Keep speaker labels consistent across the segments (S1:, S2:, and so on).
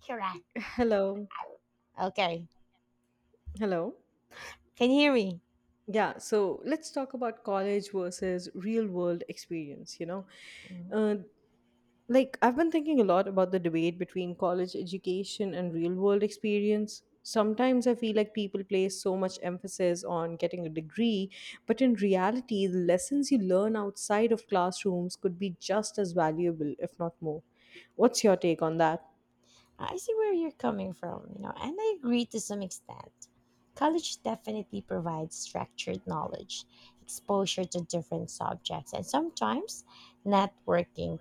S1: Correct.
S2: Hello.
S1: Okay.
S2: Hello.
S1: Can you hear me?
S2: Yeah, so let's talk about college versus real world experience, you know.
S1: Mm.
S2: Uh, like I've been thinking a lot about the debate between college education and real world experience. Sometimes I feel like people place so much emphasis on getting a degree, but in reality, the lessons you learn outside of classrooms could be just as valuable, if not more. What's your take on that?
S1: I see where you're coming from, you know, and I agree to some extent. College definitely provides structured knowledge, exposure to different subjects, and sometimes networking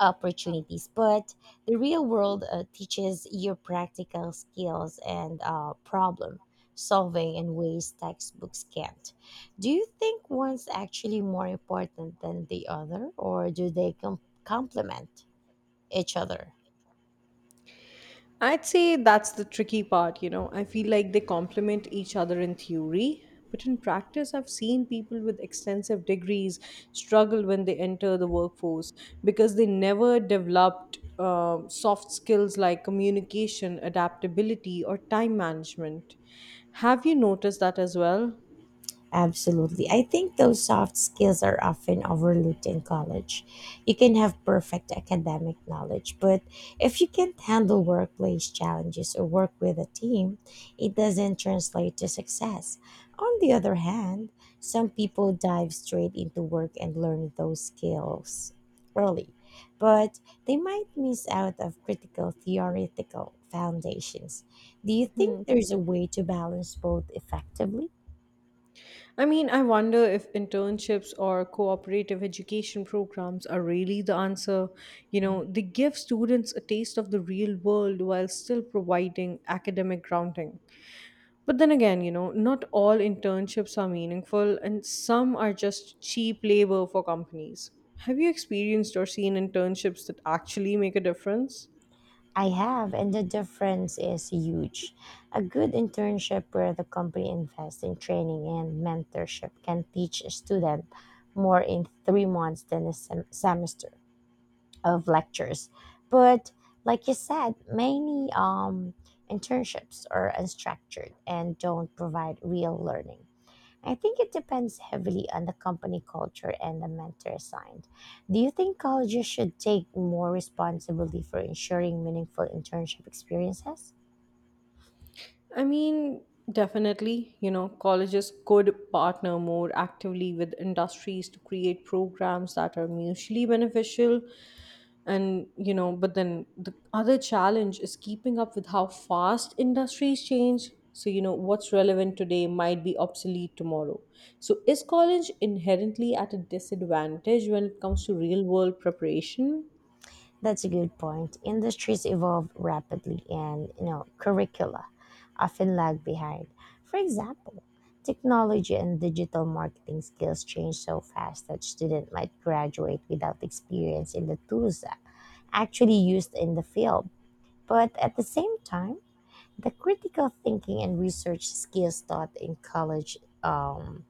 S1: opportunities. But the real world teaches you practical skills and problem solving in ways textbooks can't. Do you think one's actually more important than the other, or do they complement each other?
S2: I'd say that's the tricky part, you know. I feel like they complement each other in theory, but in practice, I've seen people with extensive degrees struggle when they enter the workforce because they never developed soft skills like communication, adaptability, or time management. Have you noticed that as well?
S1: Absolutely. I think those soft skills are often overlooked in college. You can have perfect academic knowledge, but if you can't handle workplace challenges or work with a team, it doesn't translate to success. On the other hand, some people dive straight into work and learn those skills early, but they might miss out of critical theoretical foundations. Do you
S2: Hmm.
S1: think there's a way to balance both effectively?
S2: I mean, I wonder if internships or cooperative education programs are really the answer. You know, they give students a taste of the real world while still providing academic grounding. But then again, you know, not all internships are meaningful and some are just cheap labor for companies. Have you experienced or seen internships that actually make a difference?
S1: I have, and the difference is huge. A good internship where the company invests in training and mentorship can teach a student more in 3 months than a semester of lectures. But like you said, many internships are unstructured and don't provide real learning. I think it depends heavily on the company culture and the mentor assigned. Do you think colleges should take more responsibility for ensuring meaningful internship experiences?
S2: I mean, definitely, you know, colleges could partner more actively with industries to create programs that are mutually beneficial. And, you know, but then the other challenge is keeping up with how fast industries change. So, you know, what's relevant today might be obsolete tomorrow. So, is college inherently at a disadvantage when it comes to real world preparation?
S1: That's a good point. Industries evolve rapidly and, you know, curricula often lag behind. For example, technology and digital marketing skills change so fast that students might graduate without experience in the tools that actually used in the field. But at the same time, the critical thinking and research skills taught in college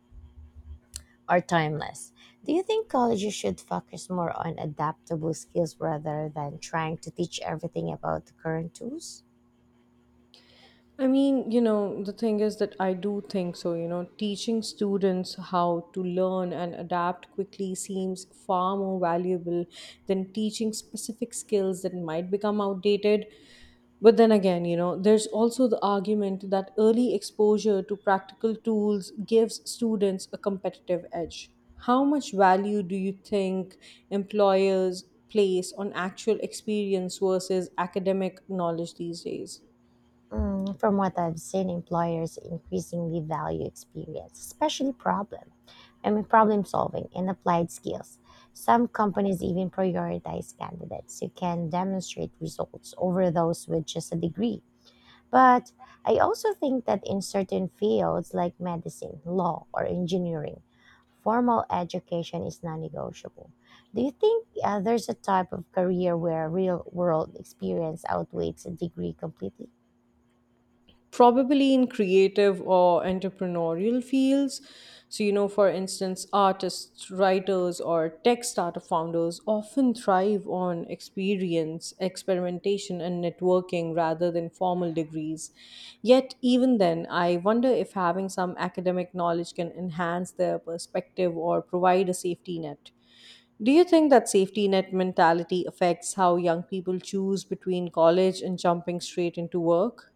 S1: are timeless. Do you think colleges should focus more on adaptable skills rather than trying to teach everything about the current tools?
S2: I mean, you know, the thing is that I do think so. You know, teaching students how to learn and adapt quickly seems far more valuable than teaching specific skills that might become outdated. But then again, you know, there's also the argument that early exposure to practical tools gives students a competitive edge. How much value do you think employers place on actual experience versus academic knowledge these days?
S1: Mm, from what I've seen, employers increasingly value experience, especially problem. I mean, problem solving and applied skills. Some companies even prioritize candidates who can demonstrate results over those with just a degree. But I also think that in certain fields like medicine, law, or engineering, formal education is non negotiable. Do you think there's a type of career where real world experience outweighs a degree completely?
S2: Probably in creative or entrepreneurial fields. So, you know, for instance, artists, writers, or tech startup founders often thrive on experience, experimentation, and networking rather than formal degrees. Yet, even then, I wonder if having some academic knowledge can enhance their perspective or provide a safety net. Do you think that safety net mentality affects how young people choose between college and jumping straight into work?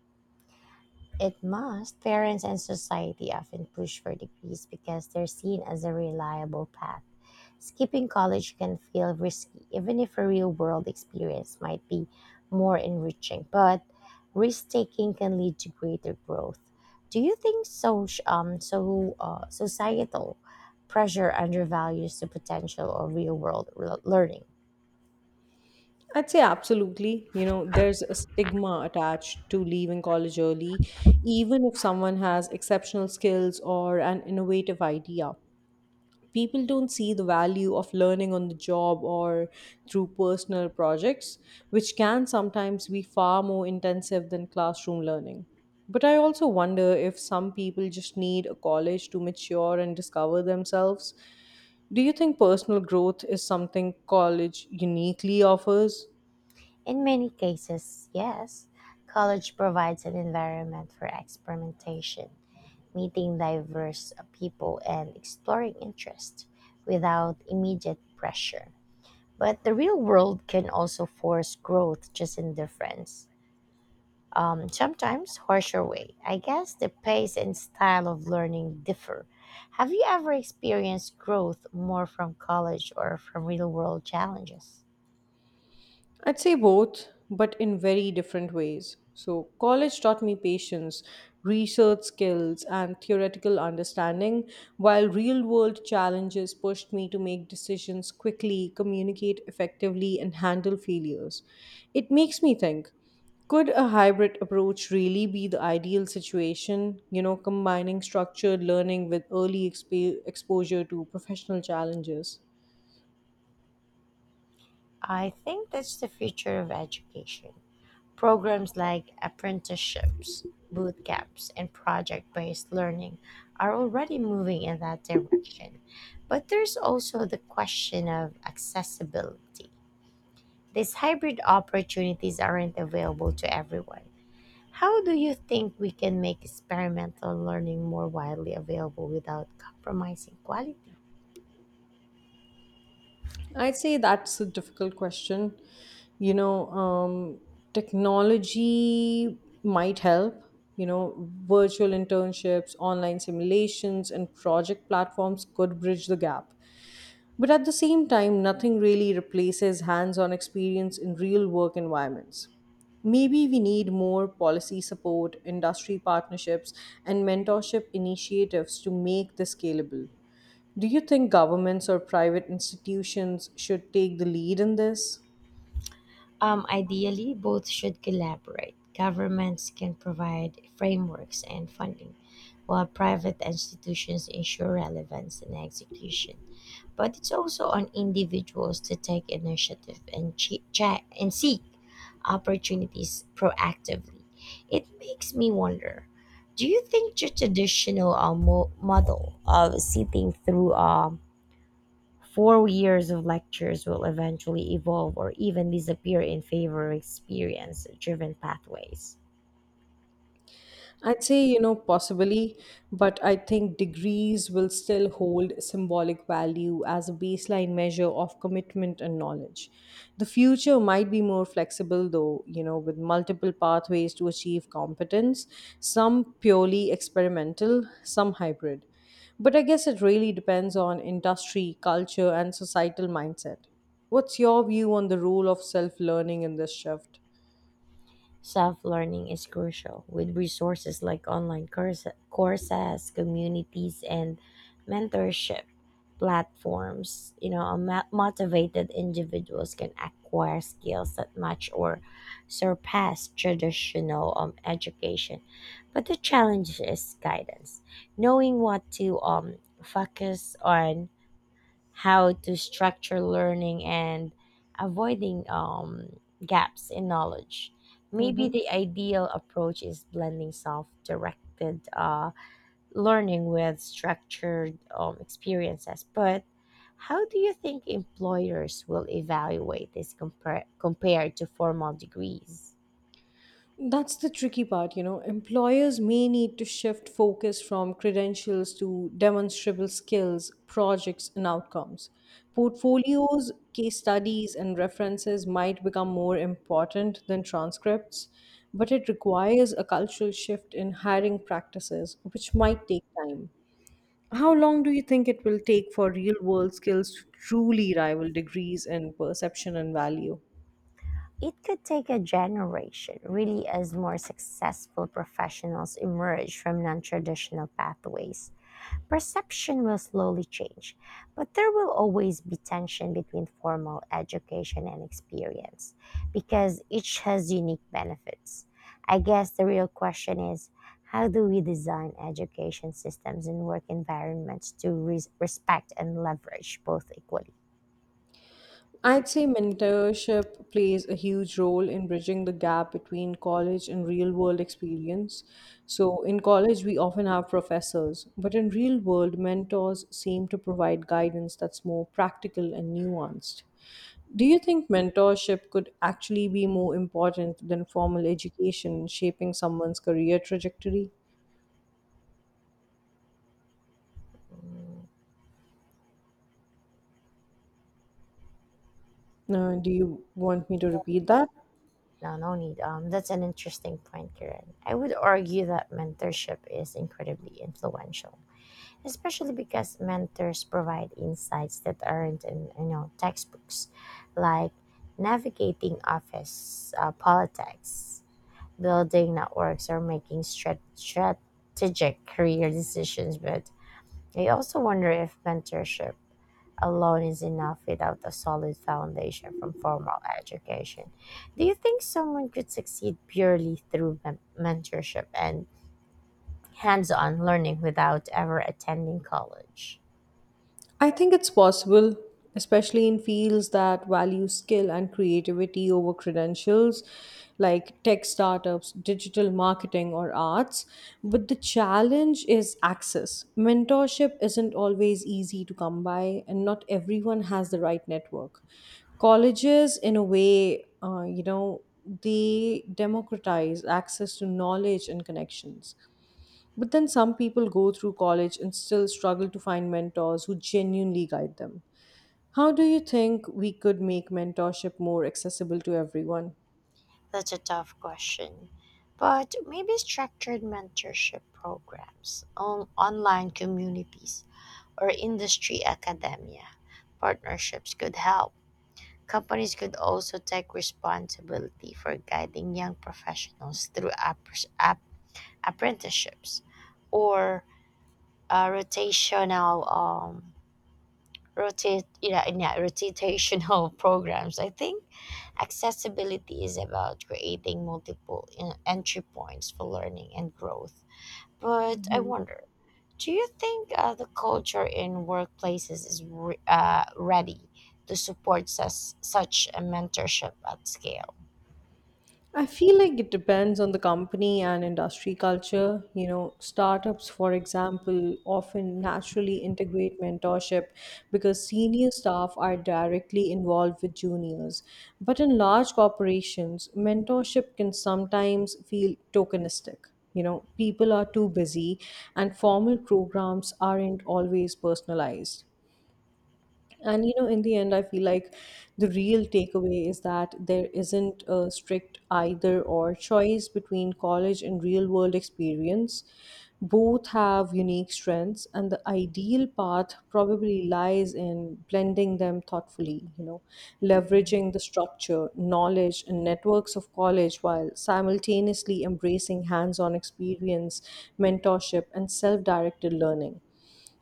S1: It must. Parents and society often push for degrees because they're seen as a reliable path. Skipping college can feel risky, even if a real world experience might be more enriching. But risk taking can lead to greater growth. Do you think societal pressure undervalues the potential of real world learning?
S2: I'd say absolutely. You know, there's a stigma attached to leaving college early, even if someone has exceptional skills or an innovative idea. People don't see the value of learning on the job or through personal projects, which can sometimes be far more intensive than classroom learning. But I also wonder if some people just need a college to mature and discover themselves. Do you think personal growth is something college uniquely offers?
S1: In many cases, yes. College provides an environment for experimentation, meeting diverse people, and exploring interest without immediate pressure. But the real world can also force growth just in difference. Sometimes harsher way. I guess the pace and style of learning differ. Have you ever experienced growth more from college or from real world challenges?
S2: I'd say both, but in very different ways. So, college taught me patience, research skills, and theoretical understanding, while real world challenges pushed me to make decisions quickly, communicate effectively, and handle failures. It makes me think, could a hybrid approach really be the ideal situation? You know, combining structured learning with early exposure to professional challenges.
S1: I think that's the future of education. Programs like apprenticeships, boot camps, and project based learning are already moving in that direction. But there's also the question of accessibility. These hybrid opportunities aren't available to everyone. How do you think we can make experimental learning more widely available without compromising quality?
S2: I'd say that's a difficult question. You know, um, Technology might help. You know, virtual internships, online simulations, and project platforms could bridge the gap. But at the same time, nothing really replaces hands on experience in real work environments. Maybe we need more policy support, industry partnerships, and mentorship initiatives to make this scalable. Do you think governments or private institutions should take the lead in this?
S1: Ideally, both should collaborate. Governments can provide frameworks and funding, while private institutions ensure relevance and execution. But it's also on individuals to take initiative and check and seek opportunities proactively. It makes me wonder. Do you think the traditional model of sitting through 4 years of lectures will eventually evolve or even disappear in favor of experience driven pathways?
S2: I'd say, you know, possibly, but I think degrees will still hold symbolic value as a baseline measure of commitment and knowledge. The future might be more flexible, though, you know, with multiple pathways to achieve competence, some purely experimental, some hybrid. But I guess it really depends on industry, culture, and societal mindset. What's your view on the role of self learning in this shift?
S1: Self learning is crucial with resources like courses, communities, and mentorship platforms. You know, motivated individuals can acquire skills that match or surpass traditional education. But the challenge is guidance, knowing what to focus on, how to structure learning, and avoiding gaps in knowledge. Maybe
S2: Mm-hmm.
S1: the ideal approach is blending self directed learning with structured experiences. But how do you think employers will evaluate this compared to formal degrees?
S2: That's the tricky part, you know. Employers may need to shift focus from credentials to demonstrable skills, projects, and outcomes. Portfolios, case studies, and references might become more important than transcripts, but it requires a cultural shift in hiring practices, which might take time. How long do you think it will take for real world skills to truly rival degrees in perception and value?
S1: It could take a generation, really, as more successful professionals emerge from non traditional pathways. Perception will slowly change, but there will always be tension between formal education and experience because each has unique benefits. I guess the real question is, how do we design education systems and work environments to respect and leverage both equally?
S2: I'd say mentorship plays a huge role in bridging the gap between college and real world experience. So, in college, we often have professors, but in real world, mentors seem to provide guidance that's more practical and nuanced. Do you think mentorship could actually be more important than formal education in shaping someone's career trajectory?
S1: Mm.
S2: Do you want me to repeat that?
S1: No, no need. That's an interesting point, Karen. I would argue that mentorship is incredibly influential, especially because mentors provide insights that aren't in, you know, textbooks, like navigating office politics, building networks, or making strategic career decisions. But I also wonder if mentorship alone is enough without a solid foundation from formal education. Do you think someone could succeed purely through mentorship and hands-on learning without ever attending college?
S2: I think it's possible, especially in fields that value skill and creativity over credentials, like tech startups, digital marketing, or arts. But the challenge is access. Mentorship isn't always easy to come by, and not everyone has the right network. Colleges, in a way, you know, they democratize access to knowledge and connections, but then some people go through college and still struggle to find mentors who genuinely guide them. How do you think we could make mentorship more accessible to everyone?
S1: That's a tough question. But maybe structured mentorship programs, online communities, or industry academia partnerships could help. Companies could also take responsibility for guiding young professionals through apprenticeships or rotational rotate yeah, yeah, rotational programs. I think accessibility is about creating multiple entry points for learning and growth. But I wonder, do you think the culture in workplaces is ready to support such a mentorship at scale?
S2: I feel like it depends on the company and industry culture. You know, startups, for example, often naturally integrate mentorship because senior staff are directly involved with juniors. But in large corporations, mentorship can sometimes feel tokenistic. You know, people are too busy and formal programs aren't always personalized. And you know, in the end, I feel like the real takeaway is that there isn't a strict either or choice between college and real world experience. Both have unique strengths, and the ideal path probably lies in blending them thoughtfully, you know,
S1: Mhm.
S2: leveraging the structure, knowledge, and networks of college while simultaneously embracing hands on experience, mentorship, and self directed learning.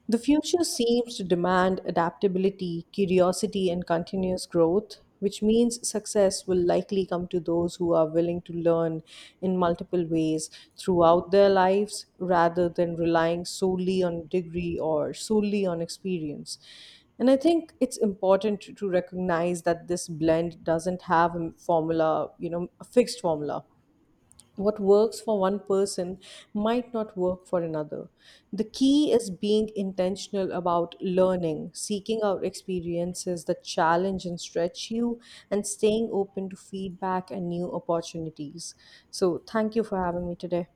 S2: The future seems to demand adaptability, curiosity, and continuous growth, which means success will likely come to those who are willing to learn in multiple ways throughout their lives rather than relying solely on degree or solely on experience. And I think it's important to recognize that this blend doesn't have a formula, you know, a fixed formula, what works for one person might not work for another. The key is being intentional about learning, seeking out experiences that challenge and stretch you, and staying open to feedback and new opportunities. So, thank you for having me today.